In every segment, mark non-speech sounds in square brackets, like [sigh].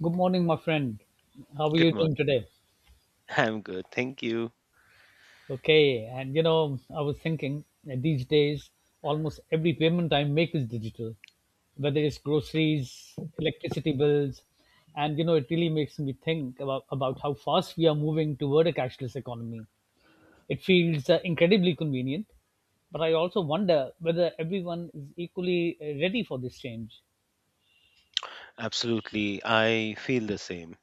Good morning, my friend. How are Good you morning. doing today? [laughs] I'm good. Thank you. Okay, I was thinking that these days almost every payment I make is digital, whether it's groceries, electricity bills, and it really makes me think about how fast we are moving toward a cashless economy. It feels incredibly convenient, but I also wonder whether everyone is equally ready for this change. Absolutely. I feel the same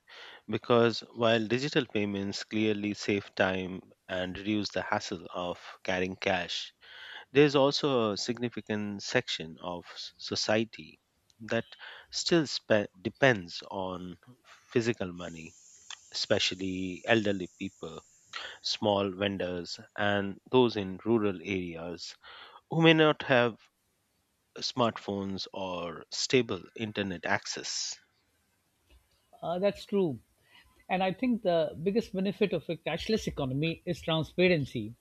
because while digital payments clearly save time and reduce the hassle of carrying cash, there's also a significant section of society that still depends on physical money, especially elderly people, small vendors, and those in rural areas who may not have smartphones or stable internet access. That's true. And I think the biggest benefit of a cashless economy is transparency.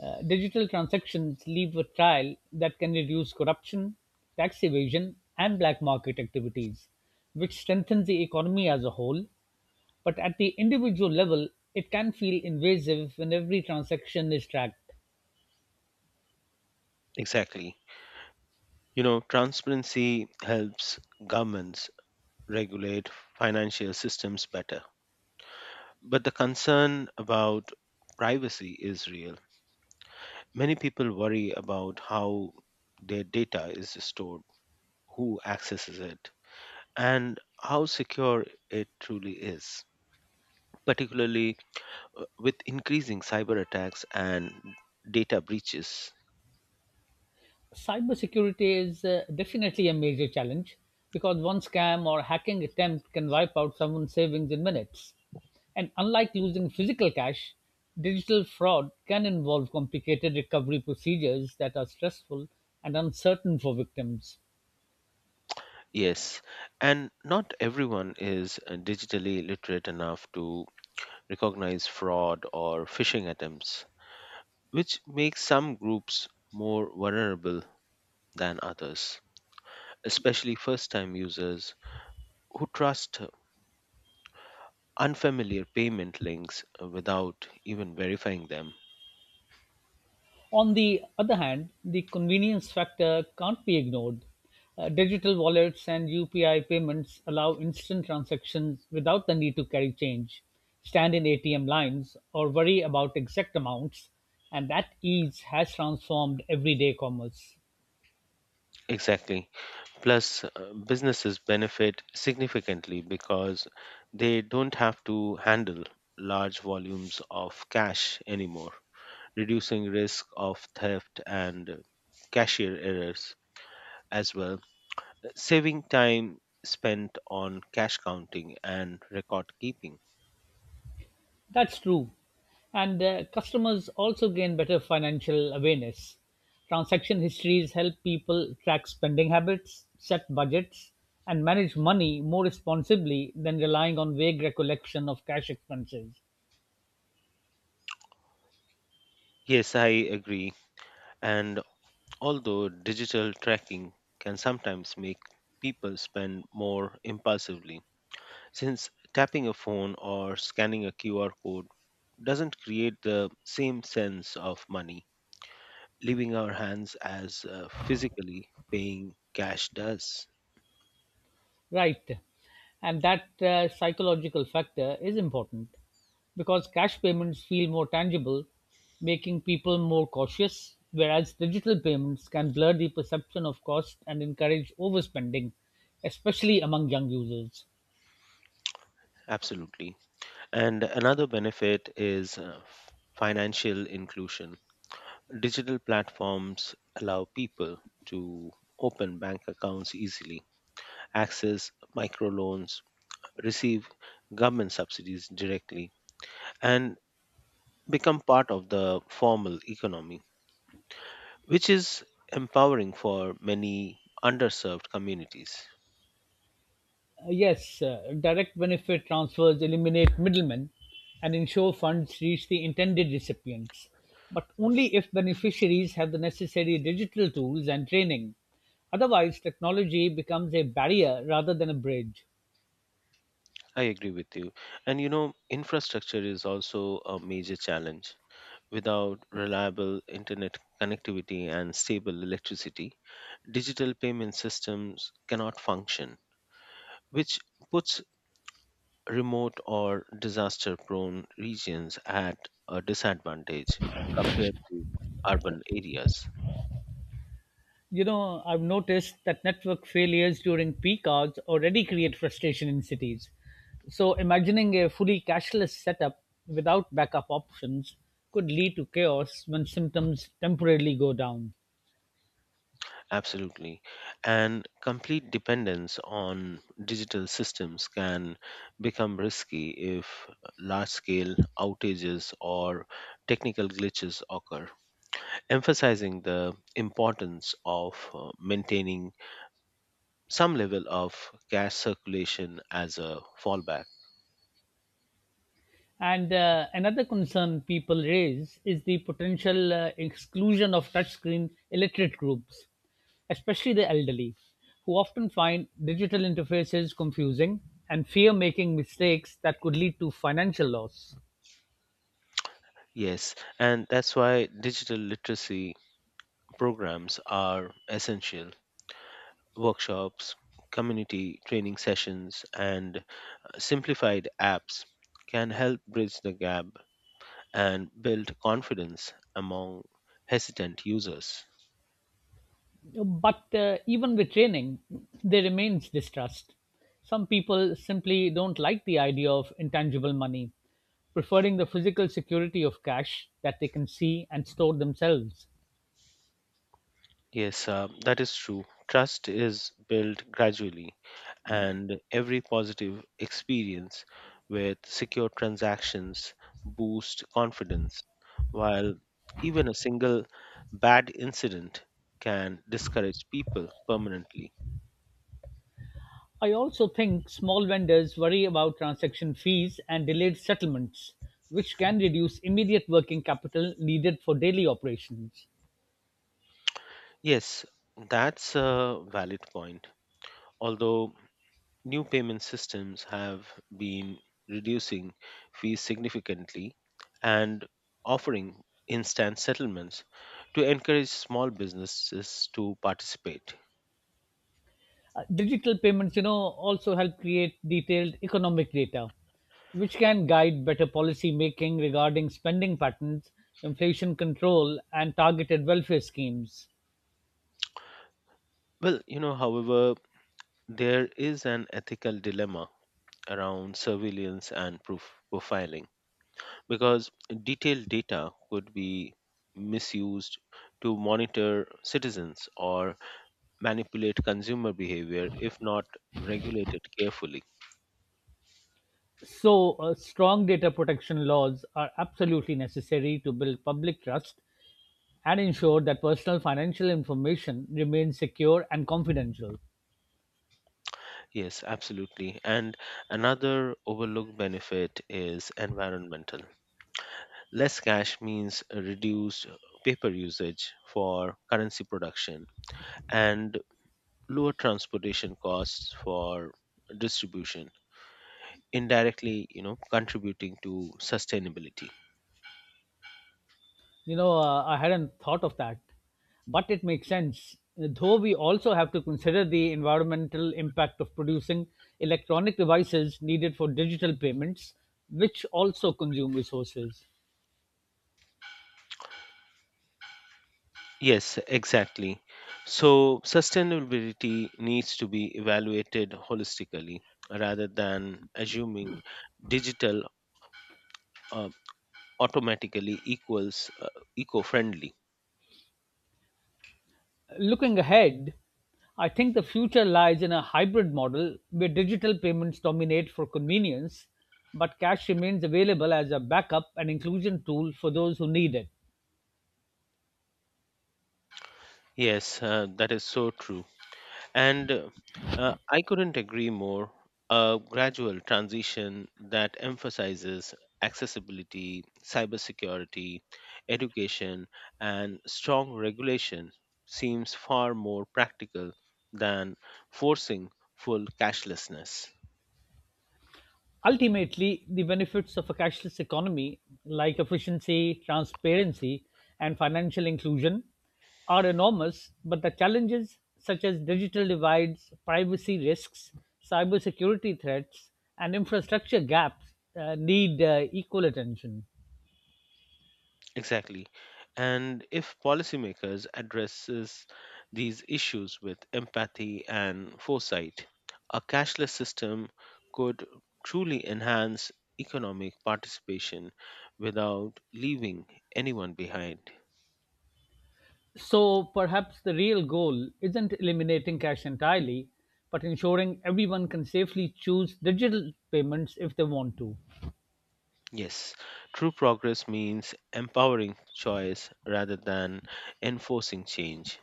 Digital transactions leave a trail that can reduce corruption, tax evasion, and black market activities, which strengthens the economy as a whole. But at the individual level, it can feel invasive when every transaction is tracked. Exactly. You know, transparency helps governments regulate financial systems better. But the concern about privacy is real. Many people worry about how their data is stored, who accesses it, and how secure it truly is, particularly with increasing cyber attacks and data breaches. Cybersecurity is definitely a major challenge because one scam or hacking attempt can wipe out someone's savings in minutes. And unlike losing physical cash, digital fraud can involve complicated recovery procedures that are stressful and uncertain for victims. Yes, and not everyone is digitally literate enough to recognize fraud or phishing attempts, which makes some groups more vulnerable than others, especially first time users who trust unfamiliar payment links without even verifying them. On the other hand, the convenience factor can't be ignored. Digital wallets and UPI payments allow instant transactions without the need to carry change, stand in ATM lines, or worry about exact amounts, and that ease has transformed everyday commerce. Exactly. Plus, businesses benefit significantly because they don't have to handle large volumes of cash anymore, reducing risk of theft and cashier errors as well, saving time spent on cash counting and record keeping. That's true. And customers also gain better financial awareness. Transaction histories help people track spending habits, set budgets, and manage money more responsibly than relying on vague recollection of cash expenses. Yes, I agree. And although digital tracking can sometimes make people spend more impulsively, since tapping a phone or scanning a QR code doesn't create the same sense of money leaving our hands as physically paying cash does. Right. And that psychological factor is important because cash payments feel more tangible, making people more cautious, whereas digital payments can blur the perception of cost and encourage overspending, especially among young users. Absolutely. And another benefit is financial inclusion. Digital platforms allow people to open bank accounts easily, access microloans, receive government subsidies directly, and become part of the formal economy, which is empowering for many underserved communities. Yes, direct benefit transfers eliminate middlemen and ensure funds reach the intended recipients, but only if beneficiaries have the necessary digital tools and training. Otherwise, technology becomes a barrier rather than a bridge. I agree with you. And you know, infrastructure is also a major challenge. Without reliable internet connectivity and stable electricity, digital payment systems cannot function, which puts remote or disaster prone regions at a disadvantage compared to urban areas. You know, I've noticed that network failures during peak hours already create frustration in cities. So, imagining a fully cashless setup without backup options could lead to chaos when symptoms temporarily go down. Absolutely. And complete dependence on digital systems can become risky if large scale outages or technical glitches occur, emphasizing the importance of maintaining some level of cash circulation as a fallback. And another concern people raise is the potential exclusion of touchscreen illiterate groups, especially the elderly, who often find digital interfaces confusing and fear making mistakes that could lead to financial loss. Yes, and that's why digital literacy programs are essential. Workshops, community training sessions, and simplified apps can help bridge the gap and build confidence among hesitant users. But even with training, there remains distrust. Some people simply don't like the idea of intangible money, preferring the physical security of cash that they can see and store themselves. Yes, that is true. Trust is built gradually, and every positive experience with secure transactions boosts confidence, while even a single bad incident can discourage people permanently. I also think small vendors worry about transaction fees and delayed settlements, which can reduce immediate working capital needed for daily operations. Yes, that's a valid point. Although new payment systems have been reducing fees significantly and offering instant settlements to encourage small businesses to participate. Digital payments, also help create detailed economic data, which can guide better policy making regarding spending patterns, inflation control, and targeted welfare schemes. Well, you know, however, there is an ethical dilemma around surveillance and proof profiling because detailed data could be misused to monitor citizens or manipulate consumer behavior if not regulated carefully. So, strong data protection laws are absolutely necessary to build public trust and ensure that personal financial information remains secure and confidential. Yes, absolutely. And another overlooked benefit is environmental. Less cash means a reduced paper usage for currency production and lower transportation costs for distribution, indirectly, you know, contributing to sustainability. I hadn't thought of that, but it makes sense. Though we also have to consider the environmental impact of producing electronic devices needed for digital payments, which also consume resources. Yes, exactly. So sustainability needs to be evaluated holistically rather than assuming digital uh, automatically equals eco friendly. Looking ahead, I think the future lies in a hybrid model where digital payments dominate for convenience, but cash remains available as a backup and inclusion tool for those who need it. Yes, that is so true. And I couldn't agree more. A gradual transition that emphasizes accessibility, cybersecurity, education, and strong regulation seems far more practical than forcing full cashlessness. Ultimately, the benefits of a cashless economy, like efficiency, transparency, and financial inclusion, are enormous, but the challenges, such as digital divides, privacy risks, cybersecurity threats, and infrastructure gaps, need equal attention. Exactly. And if policymakers addresses these issues with empathy and foresight, a cashless system could truly enhance economic participation without leaving anyone behind. So perhaps the real goal isn't eliminating cash entirely, but ensuring everyone can safely choose digital payments if they want to. Yes, true progress means empowering choice rather than enforcing change,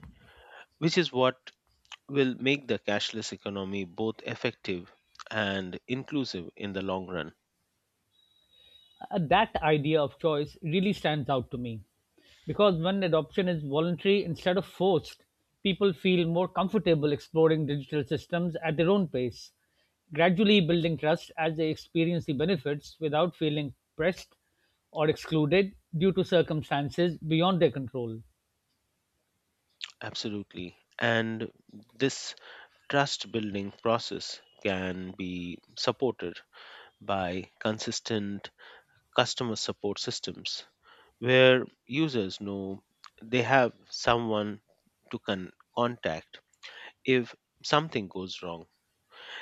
which is what will make the cashless economy both effective and inclusive in the long run. That idea of choice really stands out to me because when adoption is voluntary instead of forced, people feel more comfortable exploring digital systems at their own pace, gradually building trust as they experience the benefits without feeling pressed or excluded due to circumstances beyond their control. Absolutely. And this trust building process can be supported by consistent customer support systems where users know they have someone to contact if something goes wrong.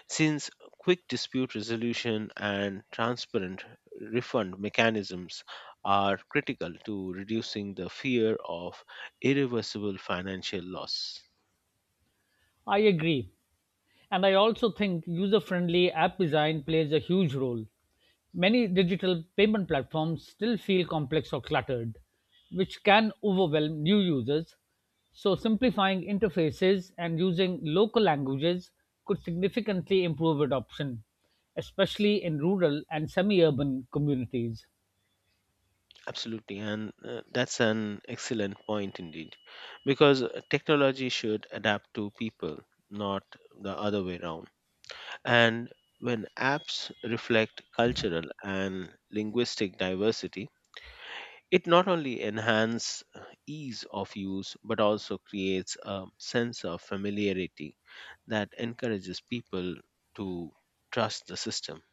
Since quick dispute resolution and transparent refund mechanisms are critical to reducing the fear of irreversible financial loss. I agree. And I also think user friendly app design plays a huge role. Many digital payment platforms still feel complex or cluttered, which can overwhelm new users. So, simplifying interfaces and using local languages could significantly improve adoption, especially in rural and semi urban communities. Absolutely, and that's an excellent point indeed, because technology should adapt to people, not the other way around. And when apps reflect cultural and linguistic diversity, it not only enhances ease of use but also creates a sense of familiarity that encourages people to trust the system.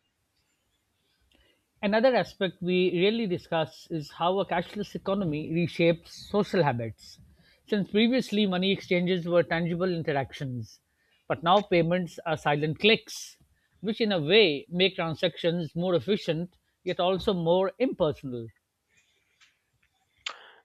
Another aspect we rarely discuss is how a cashless economy reshapes social habits. Since previously money exchanges were tangible interactions, but now payments are silent clicks, which in a way make transactions more efficient yet also more impersonal.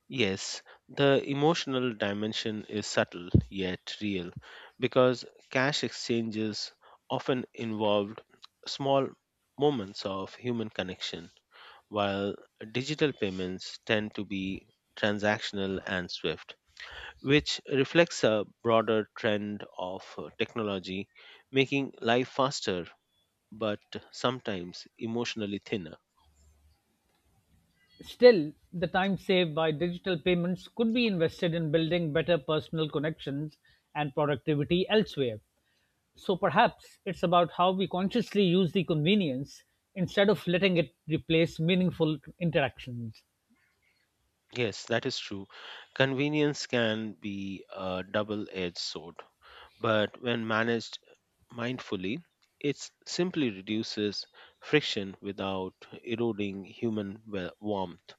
Yes, the emotional dimension is subtle yet real because cash exchanges often involved small moments of human connection, while digital payments tend to be transactional and swift, which reflects a broader trend of technology making life faster but sometimes emotionally thinner. Still, the time saved by digital payments could be invested in building better personal connections and productivity elsewhere. So perhaps it's about how we consciously use the convenience instead of letting it replace meaningful interactions. Yes, that is true. Convenience can be a double edged sword, but when managed mindfully, it simply reduces friction without eroding human warmth,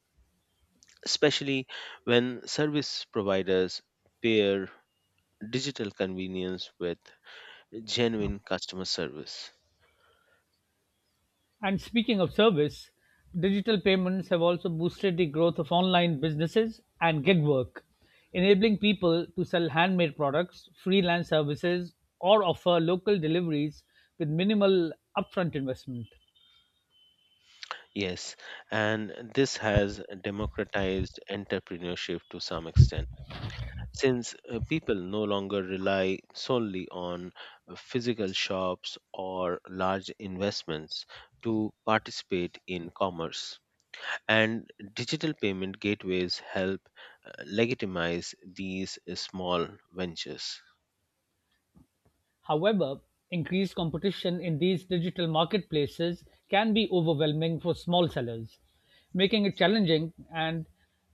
especially when service providers pair digital convenience with genuine customer service. And speaking of service, digital payments have also boosted the growth of online businesses and gig work, enabling people to sell handmade products, freelance services, or offer local deliveries with minimal upfront investment. Yes, and this has democratized entrepreneurship to some extent, since people no longer rely solely on physical shops or large investments to participate in commerce. And digital payment gateways help legitimize these small ventures. However, increased competition in these digital marketplaces can be overwhelming for small sellers, making it challenging and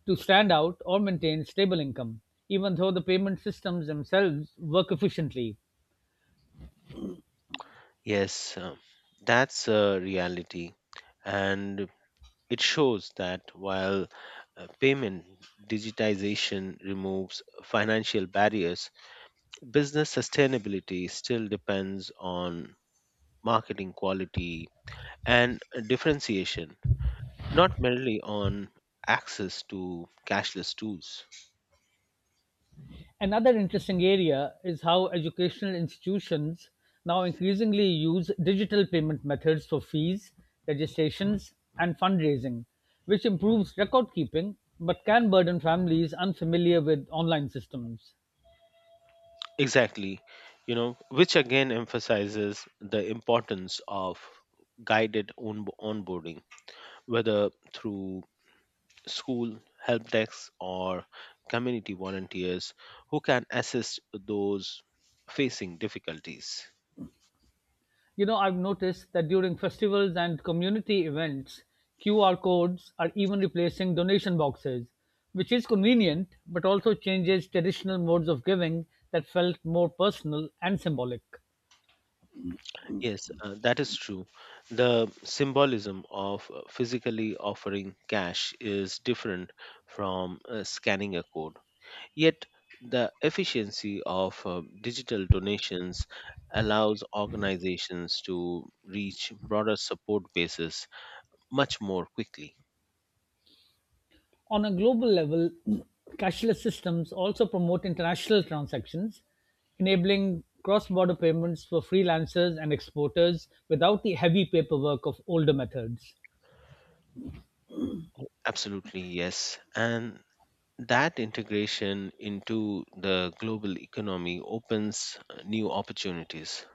to stand out or maintain stable income, even though the payment systems themselves work efficiently. Yes, that's a reality. And it shows that while payment digitization removes financial barriers, business sustainability still depends on marketing quality and differentiation, not merely on access to cashless tools. Another interesting area is how educational institutions now increasingly use digital payment methods for fees, registrations, and fundraising, which improves record keeping but can burden families unfamiliar with online systems. Exactly, you know, which again emphasizes the importance of guided onboarding, whether through school help desks or community volunteers who can assist those facing difficulties. You know, I've noticed that during festivals and community events, QR codes are even replacing donation boxes, which is convenient but also changes traditional modes of giving that felt more personal and symbolic. Yes, that is true. The symbolism of physically offering cash is different from scanning a code. Yet, the efficiency of digital donations allows organizations to reach broader support bases much more quickly. On a global level, [clears throat] cashless systems also promote international transactions, enabling cross border payments for freelancers and exporters without the heavy paperwork of older methods. Absolutely, yes. And that integration into the global economy opens new opportunities,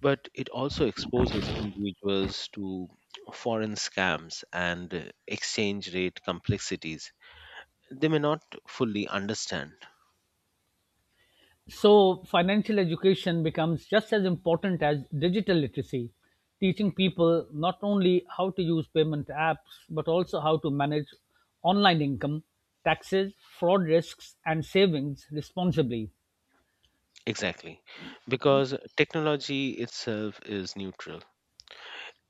but it also exposes individuals to foreign scams and exchange rate complexities they may not fully understand, So, financial education becomes just as important as digital literacy, teaching people not only how to use payment apps, but also how to manage online income, taxes, fraud risks, and savings responsibly. exactly because technology itself is neutral.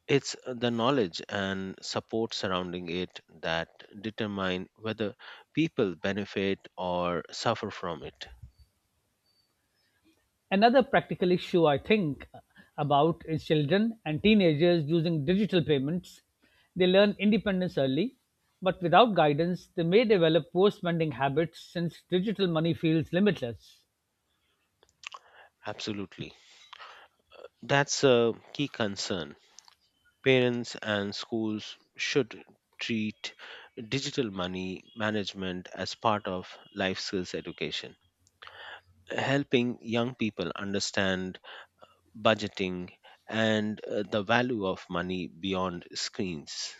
It's the knowledge and support surrounding it that determine whether people benefit or suffer from it. Another practical issue I think about is children and teenagers using digital payments. They learn independence early, but without guidance, they may develop poor spending habits since digital money feels limitless. Absolutely. That's a key concern. Parents and schools should treat digital money management as part of life skills education, helping young people understand budgeting and the value of money beyond screens.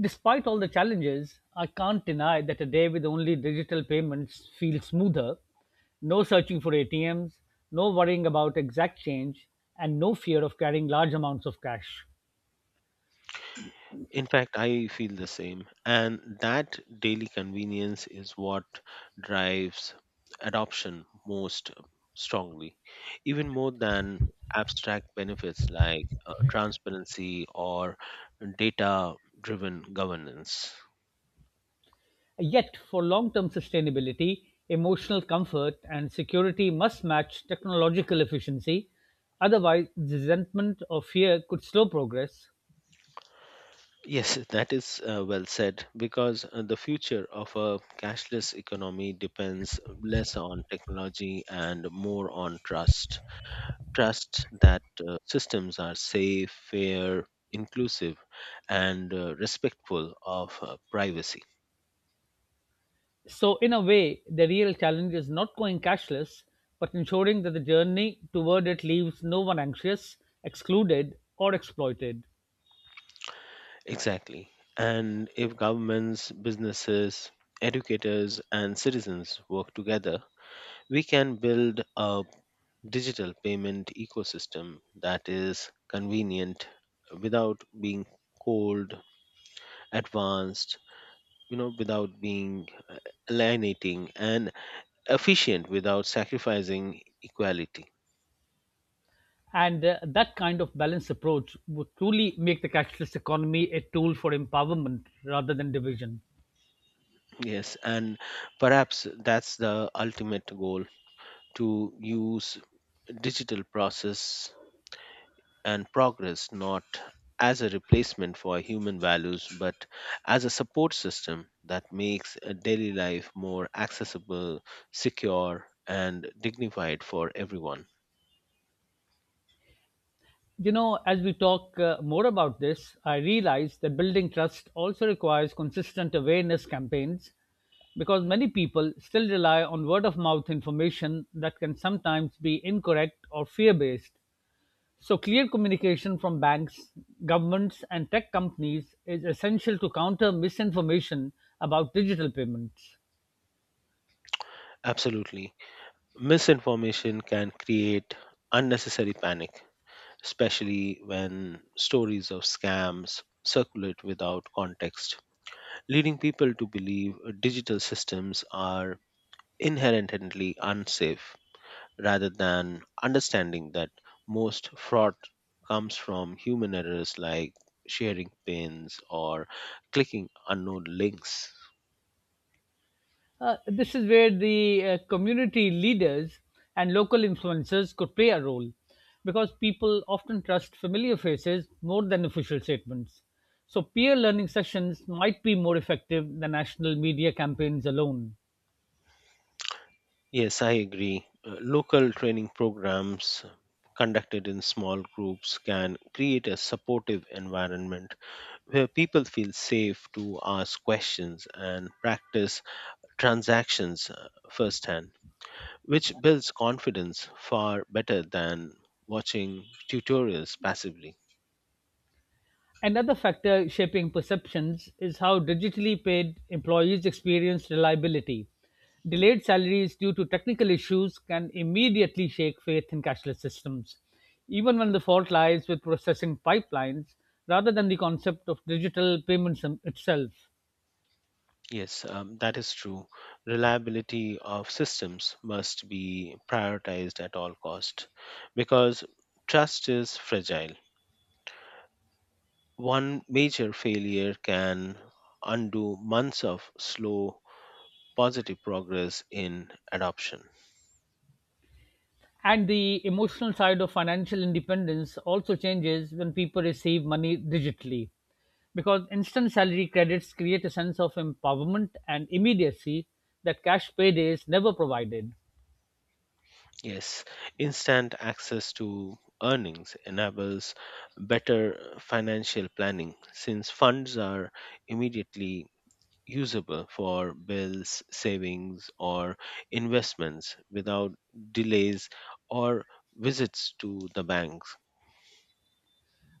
Despite all the challenges, I can't deny that a day with only digital payments feels smoother. No searching for ATMs, no worrying about exact change, and no fear of carrying large amounts of cash. In fact, I feel the same. And that daily convenience is what drives adoption most strongly, even more than abstract benefits like transparency or data driven governance. Yet, for long term sustainability, emotional comfort and security must match technological efficiency. Otherwise, resentment or fear could slow progress. Yes, [laughs] that is well said because the future of a cashless economy depends less on technology and more on trust. Trust that systems are safe, fair, inclusive, and respectful of privacy. So, in a way, the real challenge is not going cashless, but ensuring that the journey toward it leaves no one anxious, excluded, or exploited. Exactly. And if governments, businesses, educators, and citizens work together, we can build a digital payment ecosystem that is convenient without being cold, advanced, you know, without being alienating, and efficient without sacrificing equality. And that kind of balanced approach would truly make the cashless economy a tool for empowerment rather than division. Yes, and perhaps that's the ultimate goal, to use digital process and progress not as a replacement for human values but as a support system that makes daily life more accessible, secure, and dignified for everyone. As we talk more about this, I realize that building trust also requires consistent awareness campaigns because many people still rely on word of mouth information that can sometimes be incorrect or fear based. So, clear communication from banks, governments, and tech companies is essential to counter misinformation about digital payments. Absolutely. Misinformation can create unnecessary panic, especially when stories of scams circulate without context, leading people to believe digital systems are inherently unsafe rather than understanding that most fraud comes from human errors like sharing pins or clicking unknown links. This is where the community leaders and local influencers could play a role because people often trust familiar faces more than official statements. So, peer learning sessions might be more effective than national media campaigns alone. Yes, I agree. Local training programs conducted in small groups can create a supportive environment where people feel safe to ask questions and practice transactions firsthand, which builds confidence far better than watching tutorials passively. Another factor shaping perceptions is how digitally paid employees experience reliability. Delayed salaries due to technical issues can immediately shake faith in cashless systems, even when the fault lies with processing pipelines rather than the concept of digital payments itself. Yes, that is true. Reliability of systems must be prioritized at all cost because trust is fragile. One major failure can undo months of slow positive progress in adoption. And the emotional side of financial independence also changes when people receive money digitally. Because instant salary credits create a sense of empowerment and immediacy that cash paydays never provided. Yes, instant access to earnings enables better financial planning since funds are immediately usable for bills, savings, or investments without delays or visits to the banks.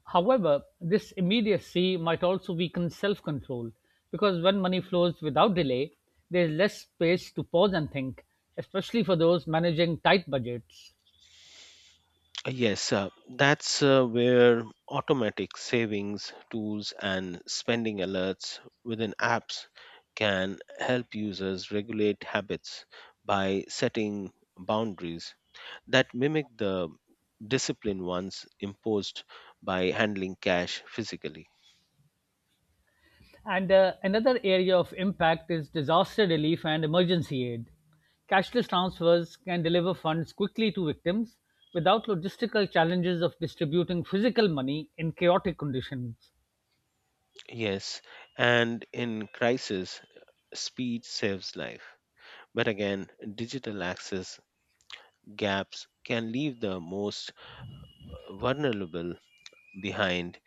However, this immediacy might also weaken self control because when money flows without delay, there is less space to pause and think, especially for those managing tight budgets. Yes, that's where automatic savings tools and spending alerts within apps can help users regulate habits by setting boundaries that mimic the discipline ones imposed by handling cash physically. And another area of impact is disaster relief and emergency aid. Cashless transfers can deliver funds quickly to victims without logistical challenges of distributing physical money in chaotic conditions, Yes, and in crisis, speed saves life. But again, digital access gaps can leave the most vulnerable behind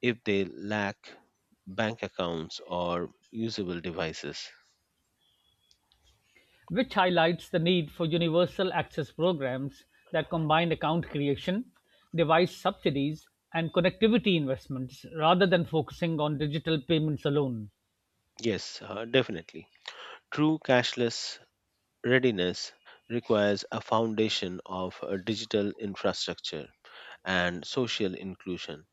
if they lack bank accounts or usable devices. which highlights the need for universal access programs that combine account creation, device subsidies, and connectivity investments rather than focusing on digital payments alone. Yes, definitely. True cashless readiness requires a foundation of a digital infrastructure and social inclusion,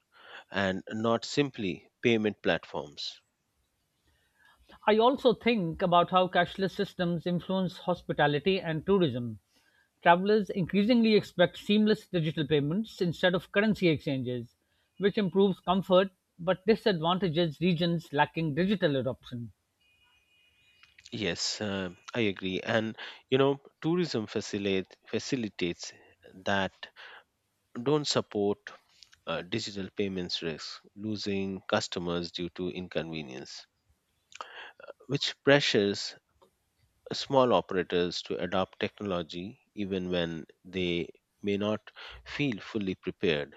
and not simply payment platforms. I also think about how cashless systems influence hospitality and tourism. Travelers increasingly expect seamless digital payments instead of currency exchanges, which improves comfort but disadvantages regions lacking digital adoption. Yes, I agree. And you know, tourism facilitates that don't support digital payments risk losing customers due to inconvenience, which pressures small operators to adopt technology even when they may not feel fully prepared.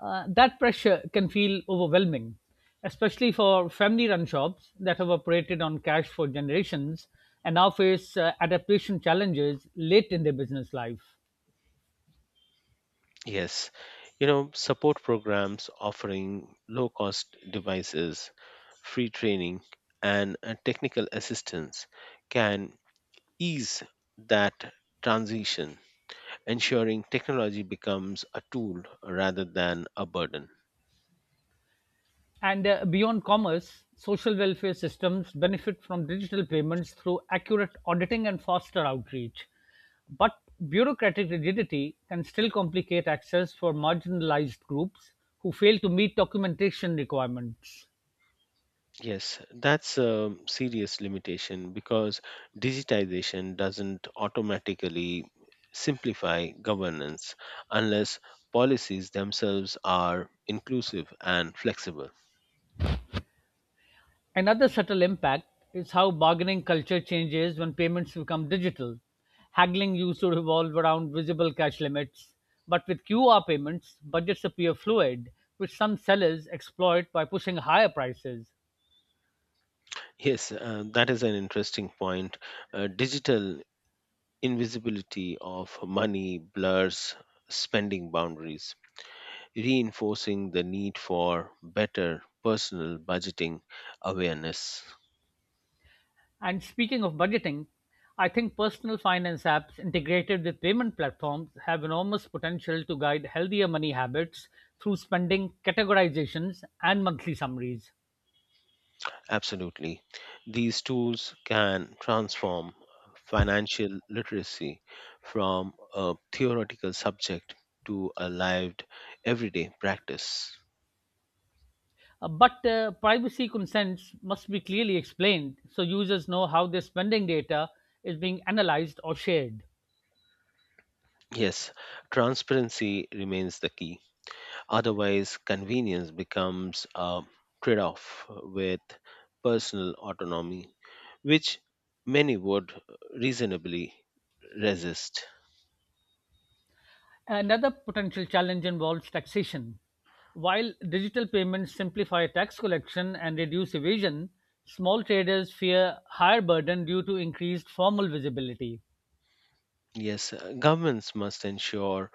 That pressure can feel overwhelming, especially for family run shops that have operated on cash for generations and now face adaptation challenges late in their business life. Yes, you know, support programs offering low cost devices, free training, and technical assistance can ease that transition, ensuring technology becomes a tool rather than a burden. And beyond commerce, social welfare systems benefit from digital payments through accurate auditing and faster outreach. But bureaucratic rigidity can still complicate access for marginalized groups who fail to meet documentation requirements. Yes, that's a serious limitation because digitization doesn't automatically simplify governance unless policies themselves are inclusive and flexible. Another subtle impact is how bargaining culture changes when payments become digital. Haggling used to revolve around visible cash limits, but with QR payments, budgets appear fluid, which some sellers exploit by pushing higher prices. Yes, that is an interesting point. Digital invisibility of money blurs spending boundaries, reinforcing the need for better personal budgeting awareness. And speaking of budgeting, I think personal finance apps integrated with payment platforms have enormous potential to guide healthier money habits through spending categorizations and monthly summaries. Absolutely. These tools can transform financial literacy from a theoretical subject to a lived everyday practice. But privacy consents must be clearly explained so users know how their spending data is being analyzed or shared. Yes, transparency remains the key. Otherwise, convenience becomes a trade off with personal autonomy, which many would reasonably resist. Another potential challenge involves taxation. While digital payments simplify tax collection and reduce evasion, small traders fear higher burden due to increased formal visibility. Yes, governments must ensure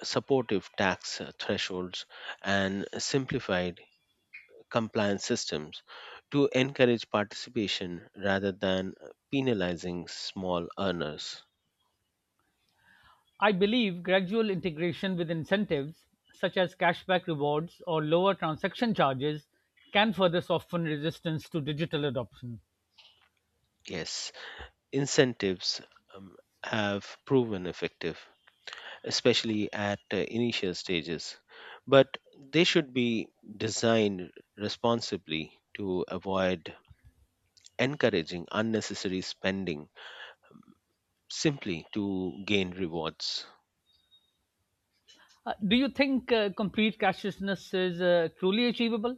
supportive tax thresholds and simplified compliance systems to encourage participation rather than penalizing small earners. I believe gradual integration with incentives, such as cashback rewards or lower transaction charges, can further soften resistance to digital adoption. Yes, incentives um, have proven effective, especially at initial stages, but they should be designed responsibly to avoid encouraging unnecessary spending simply to gain rewards. Do you think complete cashlessness is truly achievable,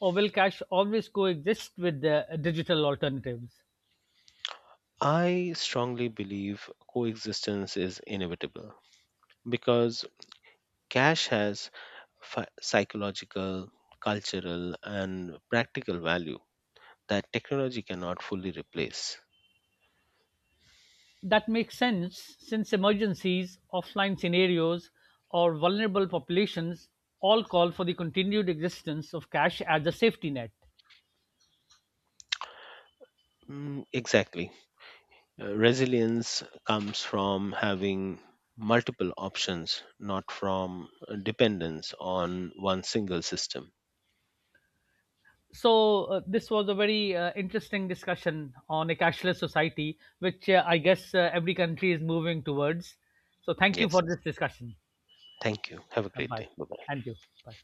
or will cash always coexist with the digital alternatives? I strongly believe coexistence is inevitable because cash has psychological, cultural, and practical value that technology cannot fully replace. That makes sense since emergencies, offline scenarios, or vulnerable populations all call for the continued existence of cash as a safety net. Mm, exactly. Resilience comes from having multiple options, not from dependence on one single system. So, this was a very interesting discussion on a cashless society, which I guess every country is moving towards. So, thank you Yes. for this discussion. Thank you. Have a And great bye. day. Bye bye. And you. Bye.